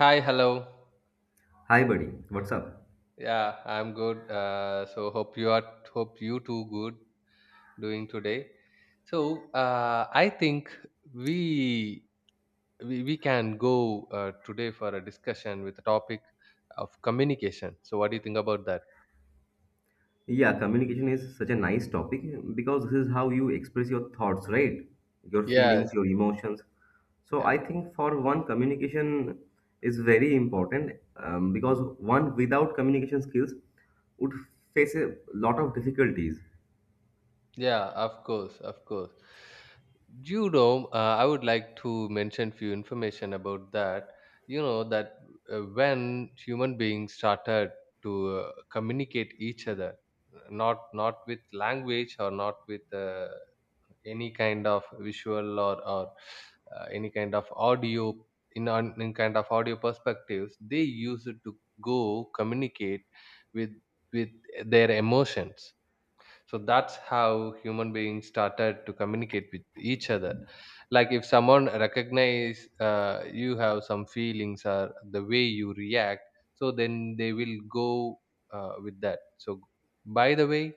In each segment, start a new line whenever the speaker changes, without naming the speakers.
Hi, hello.
Hi, buddy. What's up?
Yeah, I'm good. So hope you are hope you too good doing today. So I think we, we can go today for a discussion with the topic of communication. So what do you think about that?
Yeah, communication is such a nice topic because this is how you express your thoughts, right? Your
Yes.
feelings, your emotions. So, I think for one, communication is very important because one without communication skills would face a lot of difficulties.
Yeah, of course, of course. You know, I would like to mention few information about that. You know that when human beings started to communicate each other, not with language or not with any kind of visual or any kind of audio in on in kind of audio perspectives, they used to go communicate with with their emotions. So that's how human beings started to communicate with each other, like if someone recognize you have some feelings or the way you react, so then they will go with that. So by the way,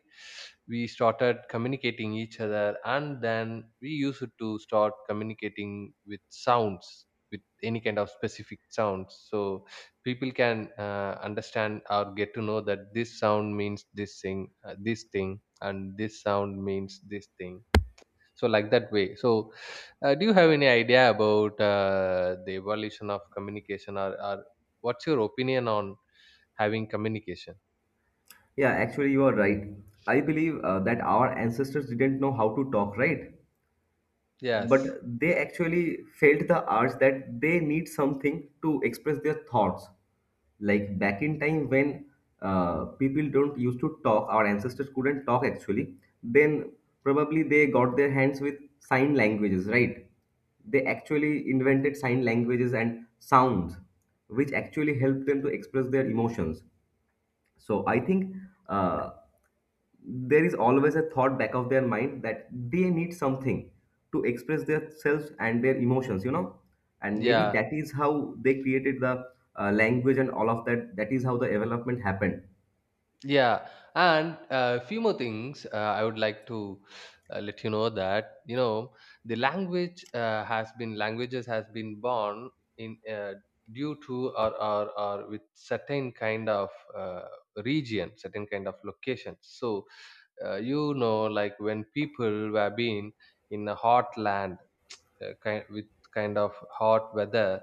we started communicating each other, and then we used to start communicating with sounds, with any kind of specific sounds, so people can understand or get to know that this sound means this thing, and this sound means this thing. So like that way. So do you have any idea about the evolution of communication or what's your opinion on having communication?
Yeah, actually, you are right. I believe that our ancestors didn't know how to talk, right? But
Yes.
they actually felt the urge that they need something to express their thoughts, like back in time when people don't used to talk, our ancestors couldn't talk actually. Then probably they got their hands with sign languages, right? They actually invented sign languages and sounds which actually helped them to express their emotions. So I think uh, there is always a thought back of their mind that they need something to express their selves and their emotions, you know. And maybe
Yeah.
that is how they created the language and all of that. That is how the development happened.
Yeah. And a few more things I would like to let you know that you know the language has been languages has been born in due to or with certain kind of uh, region, certain kind of locations. So you know, like when people were being in a hot land, uh, kind, with kind of hot weather,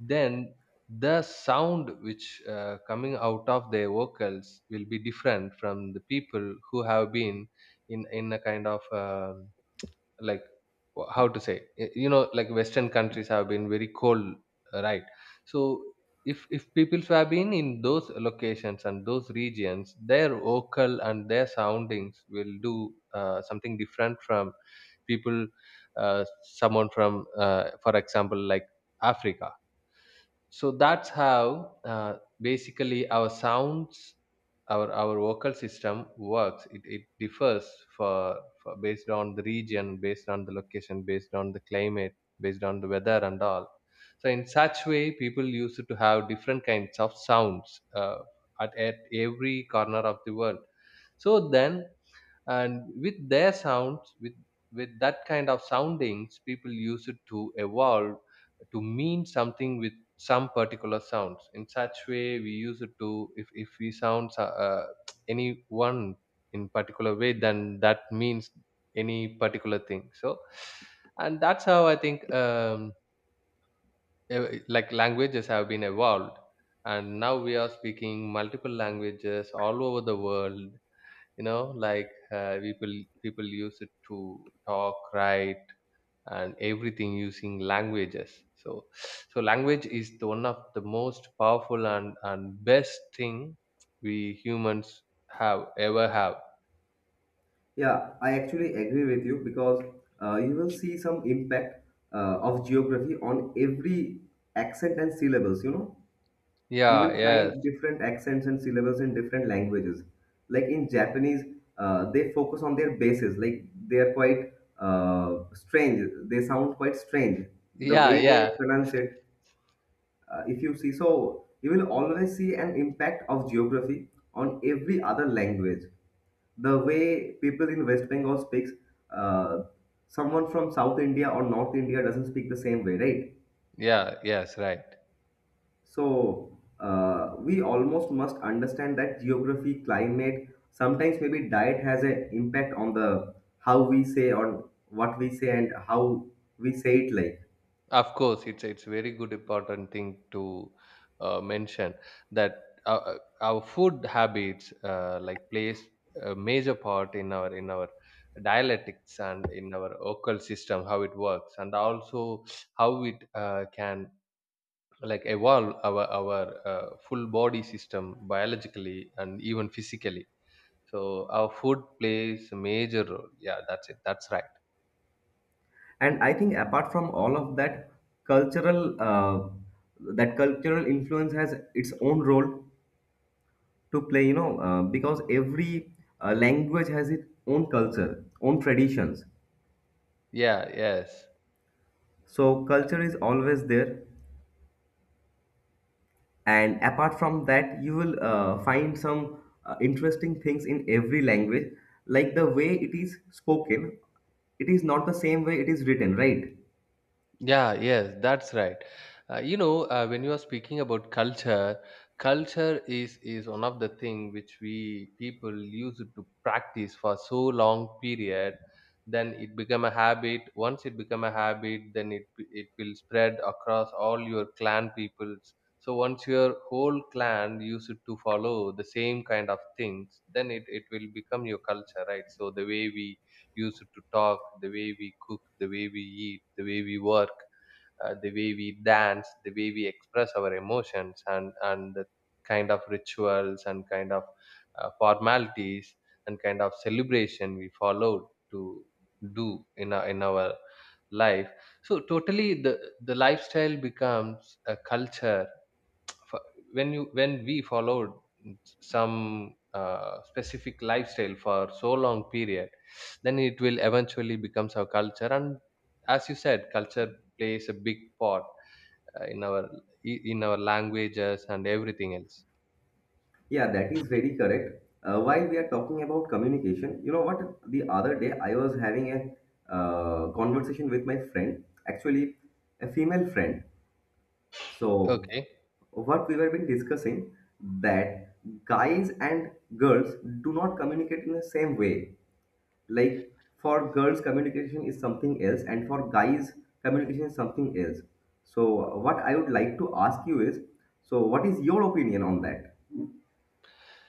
then the sound which coming out of their vocals will be different from the people who have been in a kind of like wh- how to say y- you know, like western countries have been very cold, right? So if people have been in those locations and those regions, their vocal and their soundings will do something different from people, someone from for example, like Africa. So that's how basically our sounds, our vocal system works. It differs for, for based on the region, based on the location, based on the climate, based on the weather and all. So in such way, people used to have different kinds of sounds, at every corner of the world. So then and with their sounds, with that kind of soundings, people use it to evolve to mean something with some particular sounds. In such way, we use it to, if we sound any one in particular way, then that means any particular thing. So and that's how I think like languages have been evolved, and now we are speaking multiple languages all over the world. You know, like people use it to talk, write and everything using languages. So, so language is the one of the most powerful and best thing we humans have ever have.
Yeah, I actually agree with you because you will see some impact of geography on every accent and syllables, you know. You
Yeah.
will
Yes.
find different accents and syllables in different languages. Like in Japanese, they focus on their bases. Like they are quite strange. They sound quite strange. The
Yeah.
way they
Yeah.
pronounce it, if you see, so you will always see an impact of geography on every other language. The way people in West Bengal speaks, uh, someone from South India or North India doesn't speak the same way, right?
Yeah. Yes, right.
So we almost must understand that geography, climate, sometimes maybe diet has an impact on the how we say, on what we say and how we say it, like.
Of course, it's very good important thing to mention that our food habits like plays a major part in our dialectics and in our vocal system how it works, and also how it can like evolve our full body system biologically and even physically. So our food plays a major role. Yeah, that's it. That's right.
And I think apart from all of cultural uh, that cultural influence has its own role to play. You know, because every language has its own culture, own traditions.
Yeah. Yes.
So culture is always there, and apart from that you will find some interesting things in every language, like the way it is spoken, it is not the same way it is written, right?
Yeah, yes, that's right. You know, when you are speaking about culture, culture is one of the thing which we people used to practice for so long period. Then it become a habit. Once it become a habit, then it will spread across all your clan peoples. So once your whole clan used to follow the same kind of things, then it will become your culture, right? So the way we used to talk, the way we cook, the way we eat, the way we work, the way we dance, the way we express our emotions, and the kind of rituals and kind of formalities and kind of celebration we followed to do in in our life. So totally the lifestyle becomes a culture. fo- when you, when we followed some specific lifestyle for so long period, then it will eventually becomes our culture. And as you said, culture plays a big part in our languages and everything else.
Yeah, that is very correct. Uh, while we are talking about communication, you know what, the other day I was having a conversation with my friend, actually a female friend. So
Okay.
what we were been discussing, that guys and girls do not communicate in the same way. Like for girls, communication is something else, and for guys, communication is something else. So, what I would like to ask you is, so what is your opinion on that?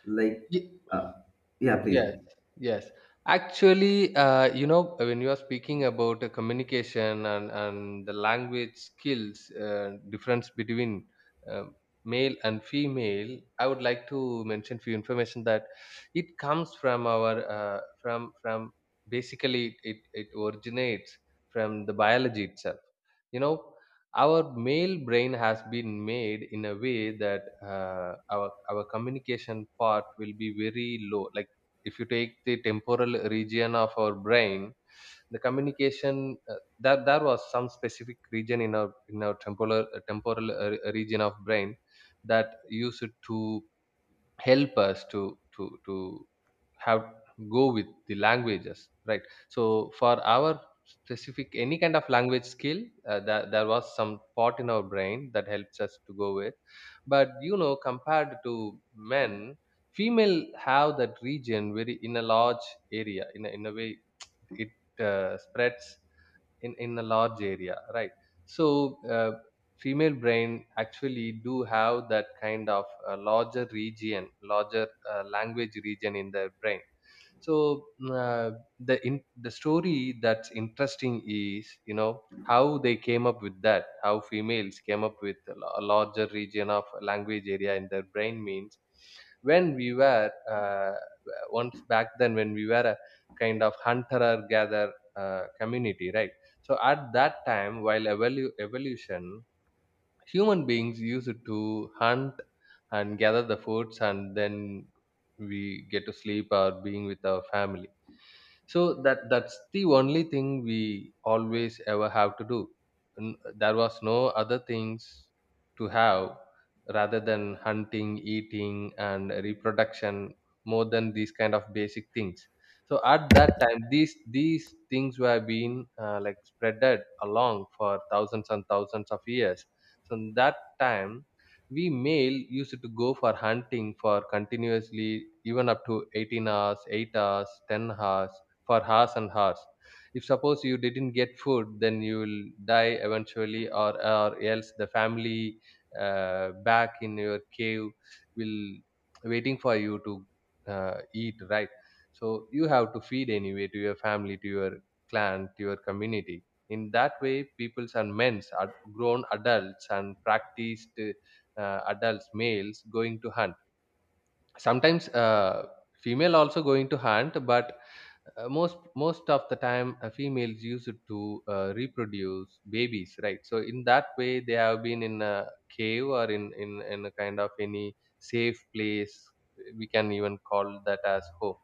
Like,
Ye-
uh, yeah, please.
Yes, yes. Actually, you know, when you are speaking about communication and the language skills, difference between uh, male and female, I would like to mention few information that it comes from our from basically it originates from the biology itself. You know, our male brain has been made in a way that our communication part will be very low. Like if you take the temporal region of our brain, the communication, that there was some specific region in our temporal region of brain that used to help us to have go with the languages, right? So for our specific any kind of language skill, that there was some part in our brain that helps us to go with. But you know, compared to men, female have that region very in a large area in in a way it spreads in a large area, right? So uh, female brain actually do have that kind of larger region, larger language region in their brain. So uh, the the story that's interesting is, you know how they came up with that, how females came up with a larger region of language area in their brain means when we were once back then when we were a kind of hunter or gather community, right? So at that time while evolution, human beings use it to hunt and gather the foods, and then we get to sleep or being with our family. So that, that's the only thing we always ever have to do. There was no other things to have rather than hunting, eating and reproduction, more than these kind of basic things. So at that time, these things were being like spreaded along for thousands and thousands of years. So in that time, we male used to go for hunting for continuously even up to 18 hours, 8 hours, 10 hours, for hours and hours. If suppose you didn't get food, then you will die eventually, or else the family back in your cave will waiting for you to eat, right? So you have to feed anyway to your family, to your clan, to your community. In that way, peoples and men's are grown adults and practiced, adults males going to hunt. Sometimes female also going to hunt, but most of the time females use it to reproduce babies, right? So in that way, they have been in a cave or in in a kind of any safe place. We can even call that as home.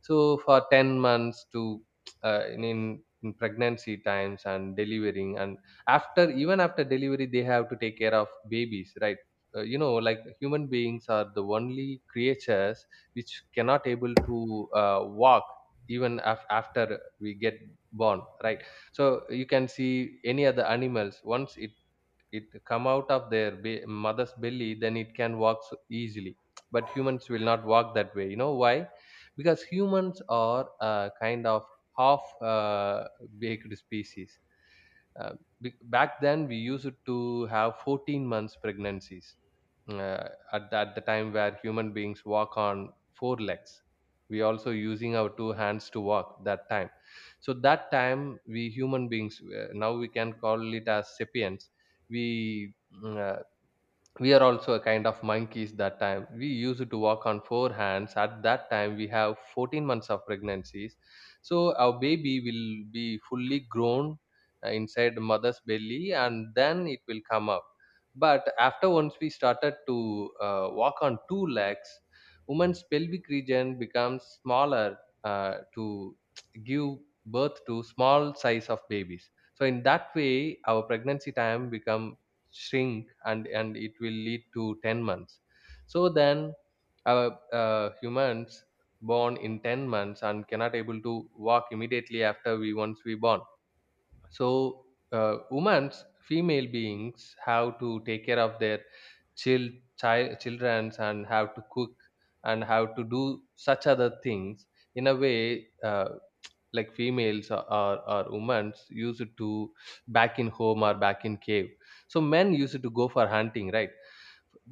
So for 10 months to in pregnancy times and delivering, and after, even after delivery, they have to take care of babies, right? You know, like human beings are the only creatures which cannot able to walk even after we get born, right? So you can see any other animals, once it, it come out of their mother's belly, then it can walk so easily. But humans will not walk that way. You know why? Because humans are a kind of half baked species. uh, Back then we used to have 14 months pregnancies, at the time where human beings walk on four legs, we also using our two hands to walk that time. So that time we human beings, now we can call it as sapiens, we mm, uh, we are also a kind of monkeys. That time we used to walk on four hands. At that time we have 14 months of pregnancies, so our baby will be fully grown inside the mother's belly and then it will come up. But after, once we started to walk on two legs, woman's pelvic region becomes smaller to give birth to small size of babies. So in that way our pregnancy time become shrink, and it will lead to 10 months. So then humans born in 10 months and cannot able to walk immediately after we, once we born. So women's female beings have to take care of their child, childrens, and have to cook and have to do such other things, in a way like females or women used to back in home or back in cave. So men used to go for hunting, right?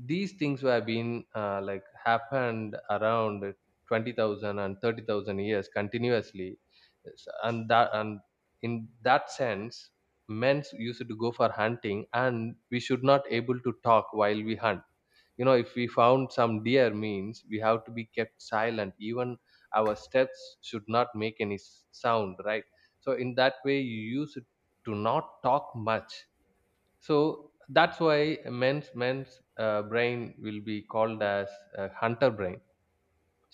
These things were been like happened around 20000 and 30000 years continuously. And in that sense, men used to go for hunting, and we should not able to talk while we hunt. You know, if we found some deer means we have to be kept silent, even our steps should not make any sound, right? So in that way you use it to not talk much. So that's why men's brain will be called as hunter brain.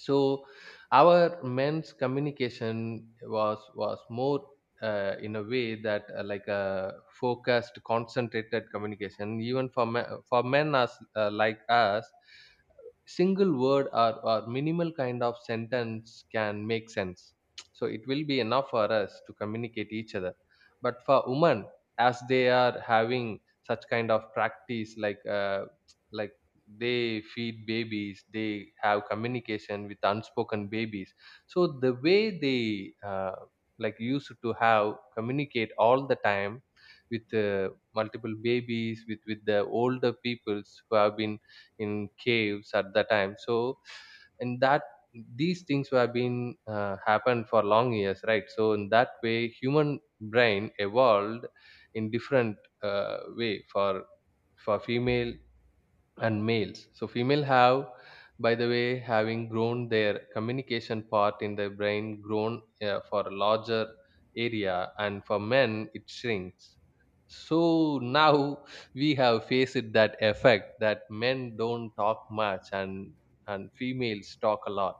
So our men's communication was more, in a way that like a focused concentrated communication. Even for men as like us, single word or minimal kind of sentence can make sense. So it will be enough for us to communicate each other. But for women, as they are having such kind of practice, like they feed babies, they have communication with unspoken babies. So the way they like used to have communicate all the time with multiple babies, with the older peoples who have been in caves at the time. So and that, these things have been happened for long years, right? So in that way human brain evolved in different way, for female and males. So female have, by the way, having grown their communication part in the brain grown for a larger area, and for men it shrinks. So now we have faced that effect that men don't talk much, and females talk a lot.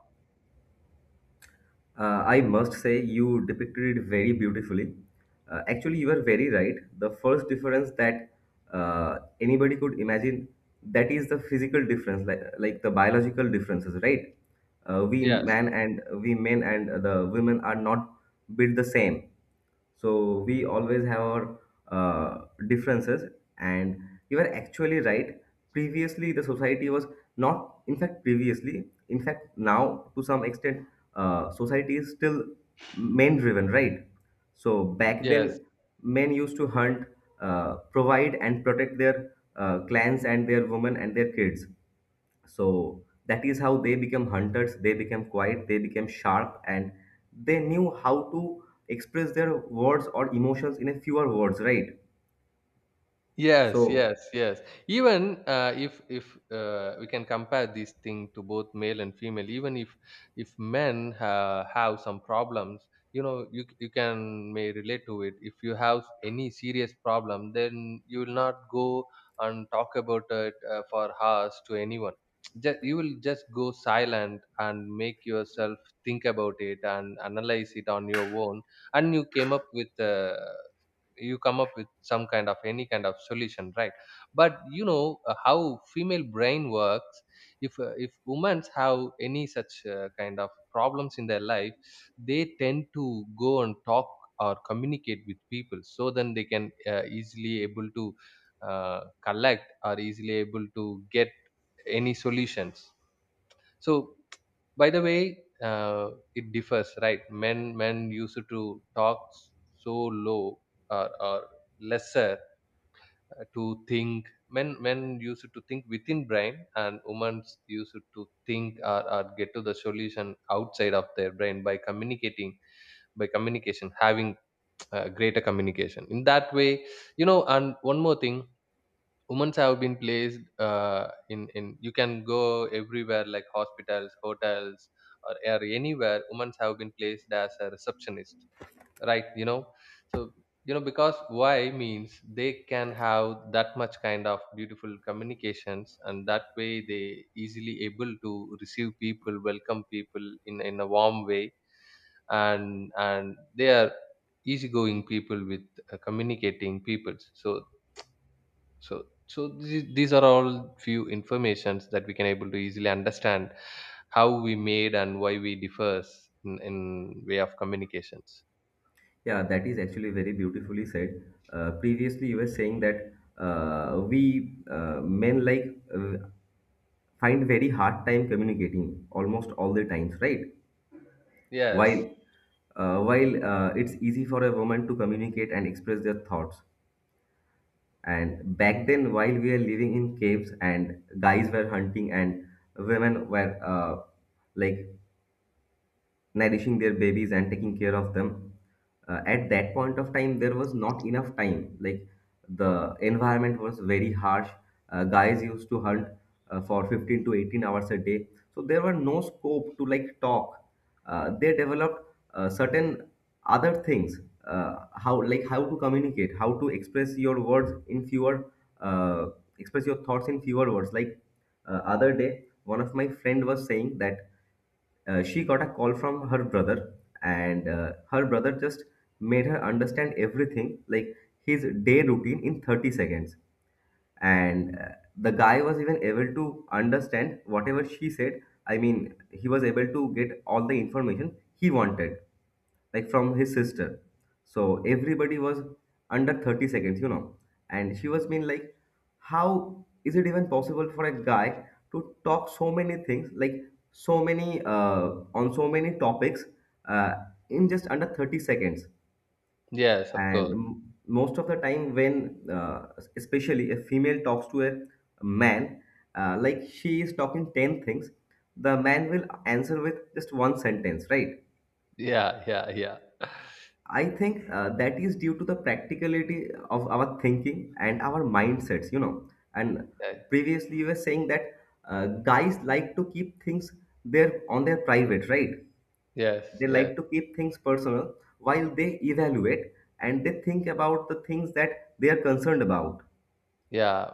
I must say, you depicted it very beautifully. Actually, you are very right. The first difference that anybody could imagine, that is the physical difference, like the biological differences, right? We
Yes,
man and we men and the women are not built the same, so we always have our differences. And you are actually right, previously the society was not, in fact, previously, in fact, now to some extent, society is still men driven, right? So back
yes,
then, men used to hunt, provide and protect their clans and their women and their kids. So that is how they became hunters, they became quiet, they became sharp, and they knew how to express their words or emotions in a fewer words, right?
yes, yes,
So
yes. Even if we can compare this thing to both male and female, even if men have some problems. You know, you can may relate to it. If you have any serious problem, then you will not go and talk about it for hours to anyone. Just, you will just go silent and make yourself think about it and analyze it on your own, and you come up with some kind of any kind of solution, right? But you know how female brain works. If if women have any such kind of problems in their life, they tend to go and talk or communicate with people. So then they can easily able to collect or easily able to get any solutions. So, by the way, it differs, right? Men used to talk so low, or lesser to think. Men used to think within brain, and women used to think or get to the solution outside of their brain by communicating, by communication, having greater communication. In that way, And one more thing, women's have been placed in you can go everywhere like hospitals, hotels, or anywhere, women's have been placed as a receptionist, right? You know, so you know because why means they can have that much kind of beautiful communications, and that way they easily able to receive people, welcome people in a warm way, and they are easygoing people with communicating peoples. So so these are all few informations that we can able to easily understand how we made and why we differs in way of communications.
yeah, that is actually very beautifully said. Uh, previously you were saying that we men like uh, find very hard time communicating almost all the times, right? while
Yes,
uh, while uh, it's easy for a woman to communicate and express their thoughts. And back then, while we were living in caves, and guys were hunting, and women were like nourishing their babies and taking care of them. At that point of time, there was not enough time. Like the environment was very harsh. Guys used to hunt for 15 to 18 hours a day. So there were no scope to like talk. They developed certain other things, how, like how to communicate, how to express your words in fewer, uh, express your thoughts in fewer words. Like other day, one of my friend was saying that she got a call from her brother, and her brother just made her understand everything, like his day routine in 30 seconds. And the guy was even able to understand whatever she said. I mean, he was able to get all the information he wanted, like from his sister. So everybody was under 30 seconds, you know. And she was being like, how is it even possible for a guy to talk so many things, like so many on so many topics uh, in just under 30 seconds.
yes, of
And
course.
most of the time when especially a female talks to a man, like she is talking 10 things, the man will answer with just one sentence, right?
Yeah, yeah, yeah.
I think that is due to the practicality of our thinking and our mindsets, you know. And
Yeah.
previously you were saying that uh, guys like to keep things there on their private, right?
Yes,
They
yes.
like to keep things personal while they evaluate and they think about the things that they are concerned about.
Yeah,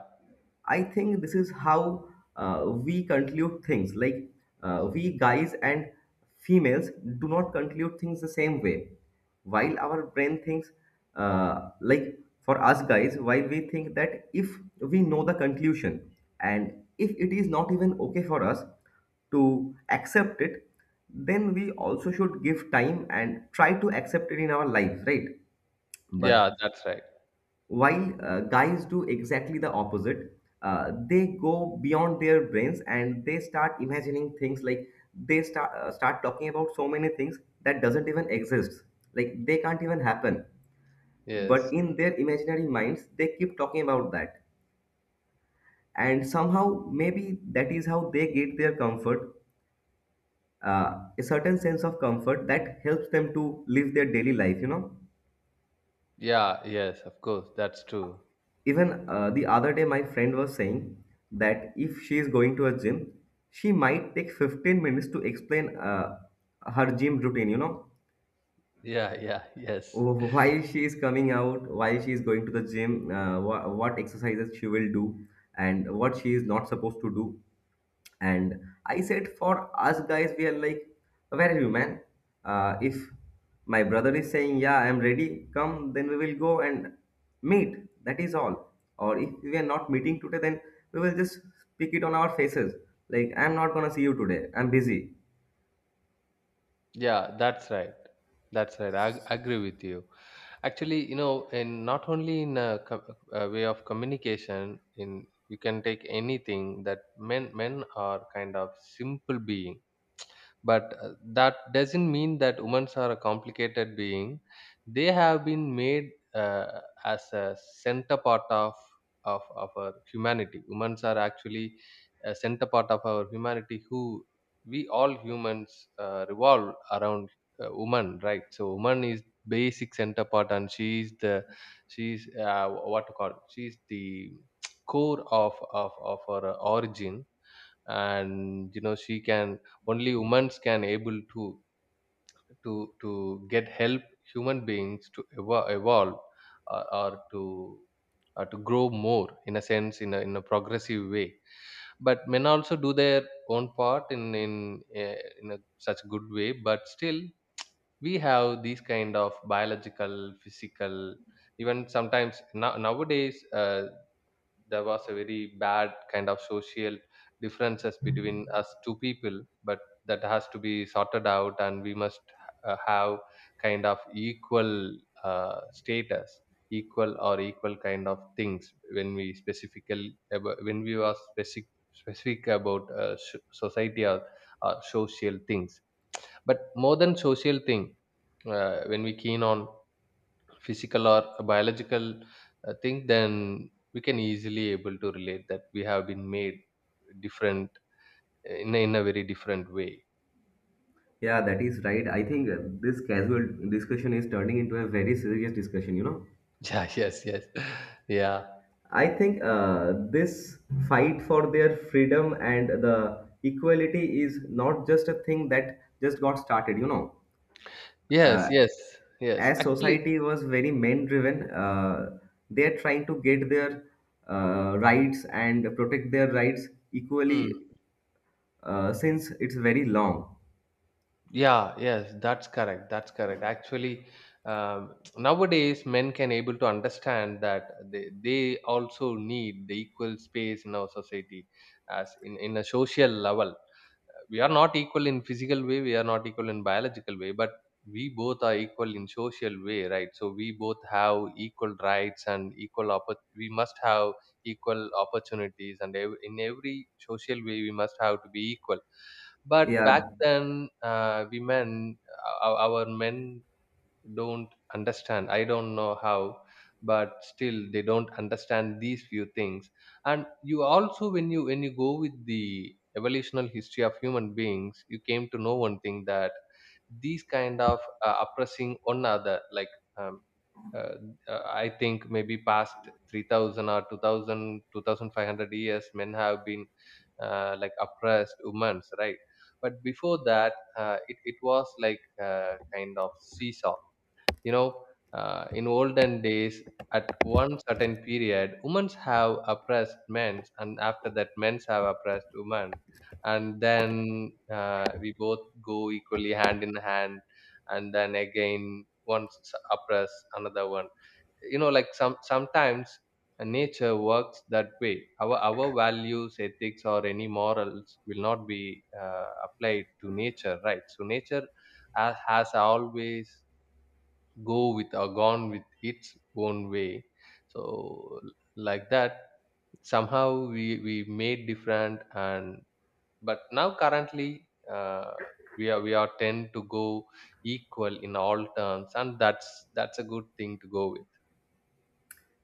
I think this is how we conclude things. Like we guys and females do not conclude things the same way. While our brain thinks, like for us guys, while we think that if we know the conclusion, and if it is not even okay for us to accept it, then we also should give time and try to accept it in our lives, right? But
yeah, that's right.
while guys do exactly the opposite, they go beyond their brains and they start imagining things, like they start talking about so many things that doesn't even exist. Like they can't even happen, but
Yes,
in their imaginary minds, they keep talking about that. And somehow, maybe that is how they get their comfort, a certain sense of comfort that helps them to live their daily life. You know.
yeah, yes, of course, that's true.
Even the other day, my friend was saying that if she is going to a gym, she might take 15 minutes to explain her gym routine, you know,
Yeah, yeah, yes.
why she is coming out, why she is going to the gym, uh, what exercises she will do, and what she is not supposed to do. And I said, for us guys, we are like, where are you, man? If my brother is saying, yeah, I'm ready, come, then we will go and meet. That is all. Or if we are not meeting today, then we will just pick it on our faces. Like, I'm not gonna see you today. I'm busy.
Yeah, that's right. That's right. I agree with you. Actually, you know, and not only in a, a way of communication, in you can take anything that men are kind of simple being. But that doesn't mean that women are a complicated being. They have been made uh, as a center part of of our humanity. Women are actually a center part of our humanity. Who we all humans revolve around woman, right? So woman is basic center part, and she is the, she is what to call? She is the core of our origin. And you know she can, only women can able to to get help, human beings to evolve, or to grow more in a sense in a progressive way. But men also do their own part in a such good way. But still we have these kind of biological physical, even sometimes now, nowadays, there was a very bad kind of social differences between us two people. But that has to be sorted out, and we must have kind of equal status, equal or equal kind of things when we specifically when we were specific about society or social things. But more than social thing, when we keen on physical or a biological thing, then we can easily able to relate that we have been made different in a very different way.
Yeah, that is right. I think this casual discussion is turning into a very serious discussion, you know?
Yeah, yes, yes. Yeah,
I think this fight for their freedom and the equality is not just a thing that just got started, you know. Uh,
yes, yes, yes,
as
actually.
society was very men driven, they are trying to get their rights and protect their rights
Mm,
equally since it's very long.
yeah, yes, that's correct, that's correct, actually. Nowadays men can able to understand that they also need the equal space in our society, as in a social level, we are not equal in physical way, we are not equal in biological way, but we both are equal in social way, right? So we both have equal rights and equal we must have equal opportunities, and in every social way we must have to be equal. But back
Yeah,
then, women, our men don't understand. I don't know how, but still they don't understand these few things. And you also when you go with the evolutional history of human beings, you came to know one thing, that these kind of oppressing one another, like um, uh, I think maybe past 3,000 or 2,000, 2,500 years men have been like oppressed women's right. But before that, it, it was like kind of seesaw. You know, in olden days, at one certain period, women have oppressed men, and after that, men have oppressed women, and then we both go equally hand in hand, and then again one oppress another one. You know, like some sometimes nature works that way. Our values ethics or any morals will not be applied to nature, right? So nature has always go with or gone with its own way. So like that, somehow we made different, and but now currently we are tend to go equal in all terms, and that's a good thing to go with.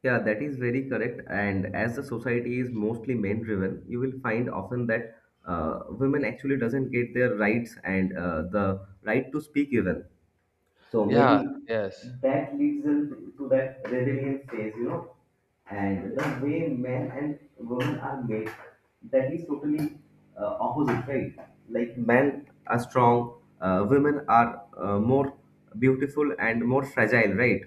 yeah, that is very correct. And as the society is mostly men driven, you will find often that women actually doesn't get their rights and the right to speak even. So
Yeah,
maybe
yes.
that leads them to that rebellion phase, you know. And the way men and women are made, that is totally opposite, right? Like men are strong, women are more beautiful and more fragile, right?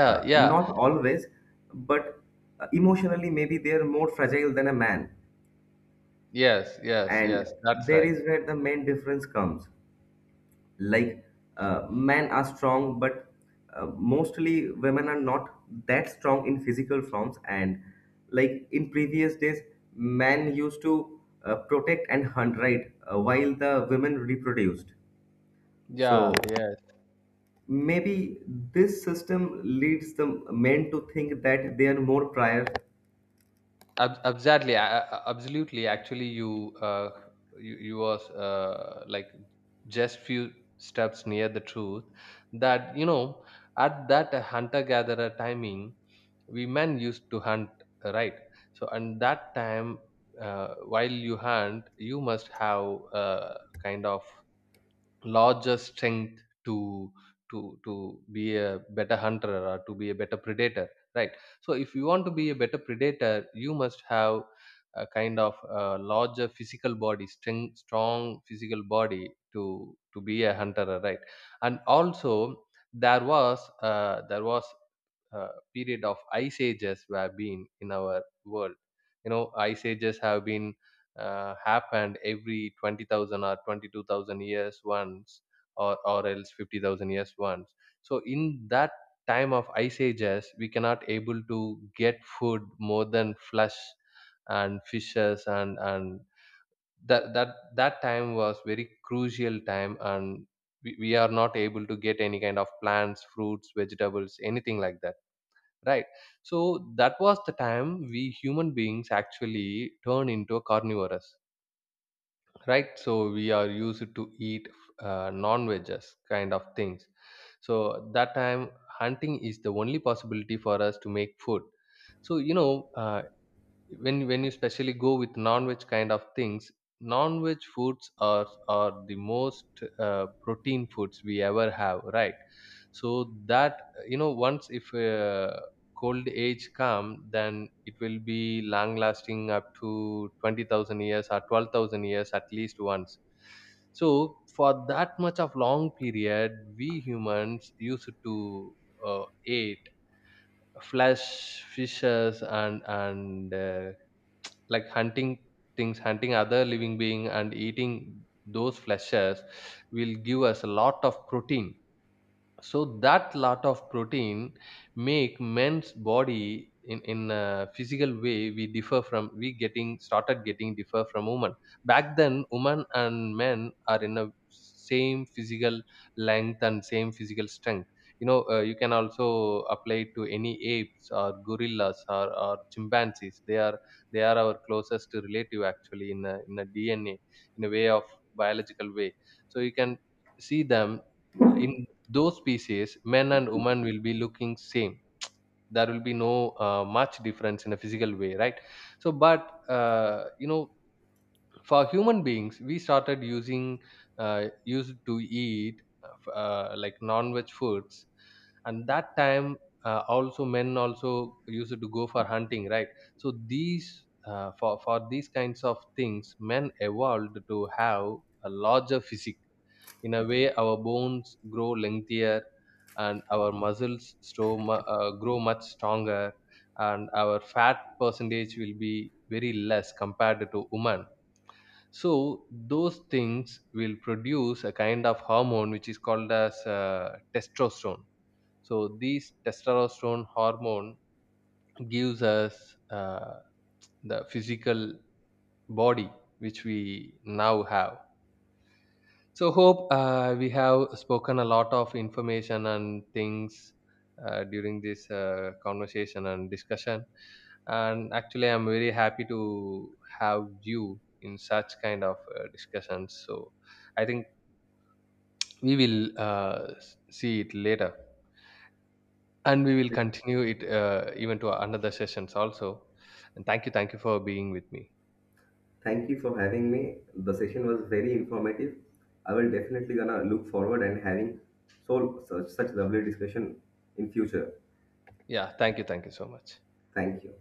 yeah,
Not always, but emotionally, maybe they are more fragile than a man.
yes, yes,
And
yes, that's
there
right.
is where the main difference comes. Like, men are strong, but mostly women are not that strong in physical forms. And like in previous days, men used to protect and hunt, right? While the women reproduced. So
Yeah, yes.
maybe this system leads the men to think that they are more prior.
Absolutely, absolutely. Actually, you was like just few steps near the truth. That, you know, at that hunter-gatherer timing, we men used to hunt, right? So, and that time, while you hunt, you must have kind of larger strength to to be a better hunter or to be a better predator, right? So if you want to be a better predator, you must have a kind of a larger physical body, strong physical body to be a hunter, right? And also there was a period of ice ages were been in our world. You know, ice ages have been happened every 20,000 or 22,000 years once, or else 50,000 years once. So in that time of ice ages, we cannot able to get food more than flesh and fishes, and that, that, that time was very crucial time, and we are not able to get any kind of plants, fruits, vegetables, anything like that. Right. So that was the time we human beings actually turn into a carnivorous, right? So we are used to eat non-veggies kind of things. So that time hunting is the only possibility for us to make food. So you know, when you specially go with non-veg kind of things, non-veg foods are the most protein foods we ever have, right? So that, you know, once if cold age come, then it will be long lasting up to 20,000 years or 12,000 years at least once. So for that much of long period we humans used to eat flesh, fishes, and like hunting things, hunting other living being and eating those fleshes will give us a lot of protein. So that lot of protein make men's body in a physical way we differ from, we getting started getting differ from women. Back then women and men are in a same physical length and same physical strength. You know, you can also apply it to any apes or gorillas, or chimpanzees. They are our closest relative actually in a DNA in a way of biological way. So you can see them, in those species men and women will be looking same. There will be no much difference in a physical way, right? So but you know, for human beings we started using used to eat like non-veg foods. And that time also men also used to go for hunting, right? So these for these kinds of things, men evolved to have a larger physique. In a way, our bones grow lengthier, and our muscles grow much stronger, and our fat percentage will be very less compared to women. So those things will produce a kind of hormone which is called as testosterone. So this testosterone hormone gives us uh, the physical body which we now have. So hope we have spoken a lot of information and things during this conversation and discussion. And actually, I'm very happy to have you in such kind of discussions. So I think we will see it later, and we will continue it even to another sessions also. And thank you for being with me.
Thank you for having me. The session was very informative. I will definitely gonna look forward and having such lovely discussion in future.
Yeah, thank you so much.
Thank you.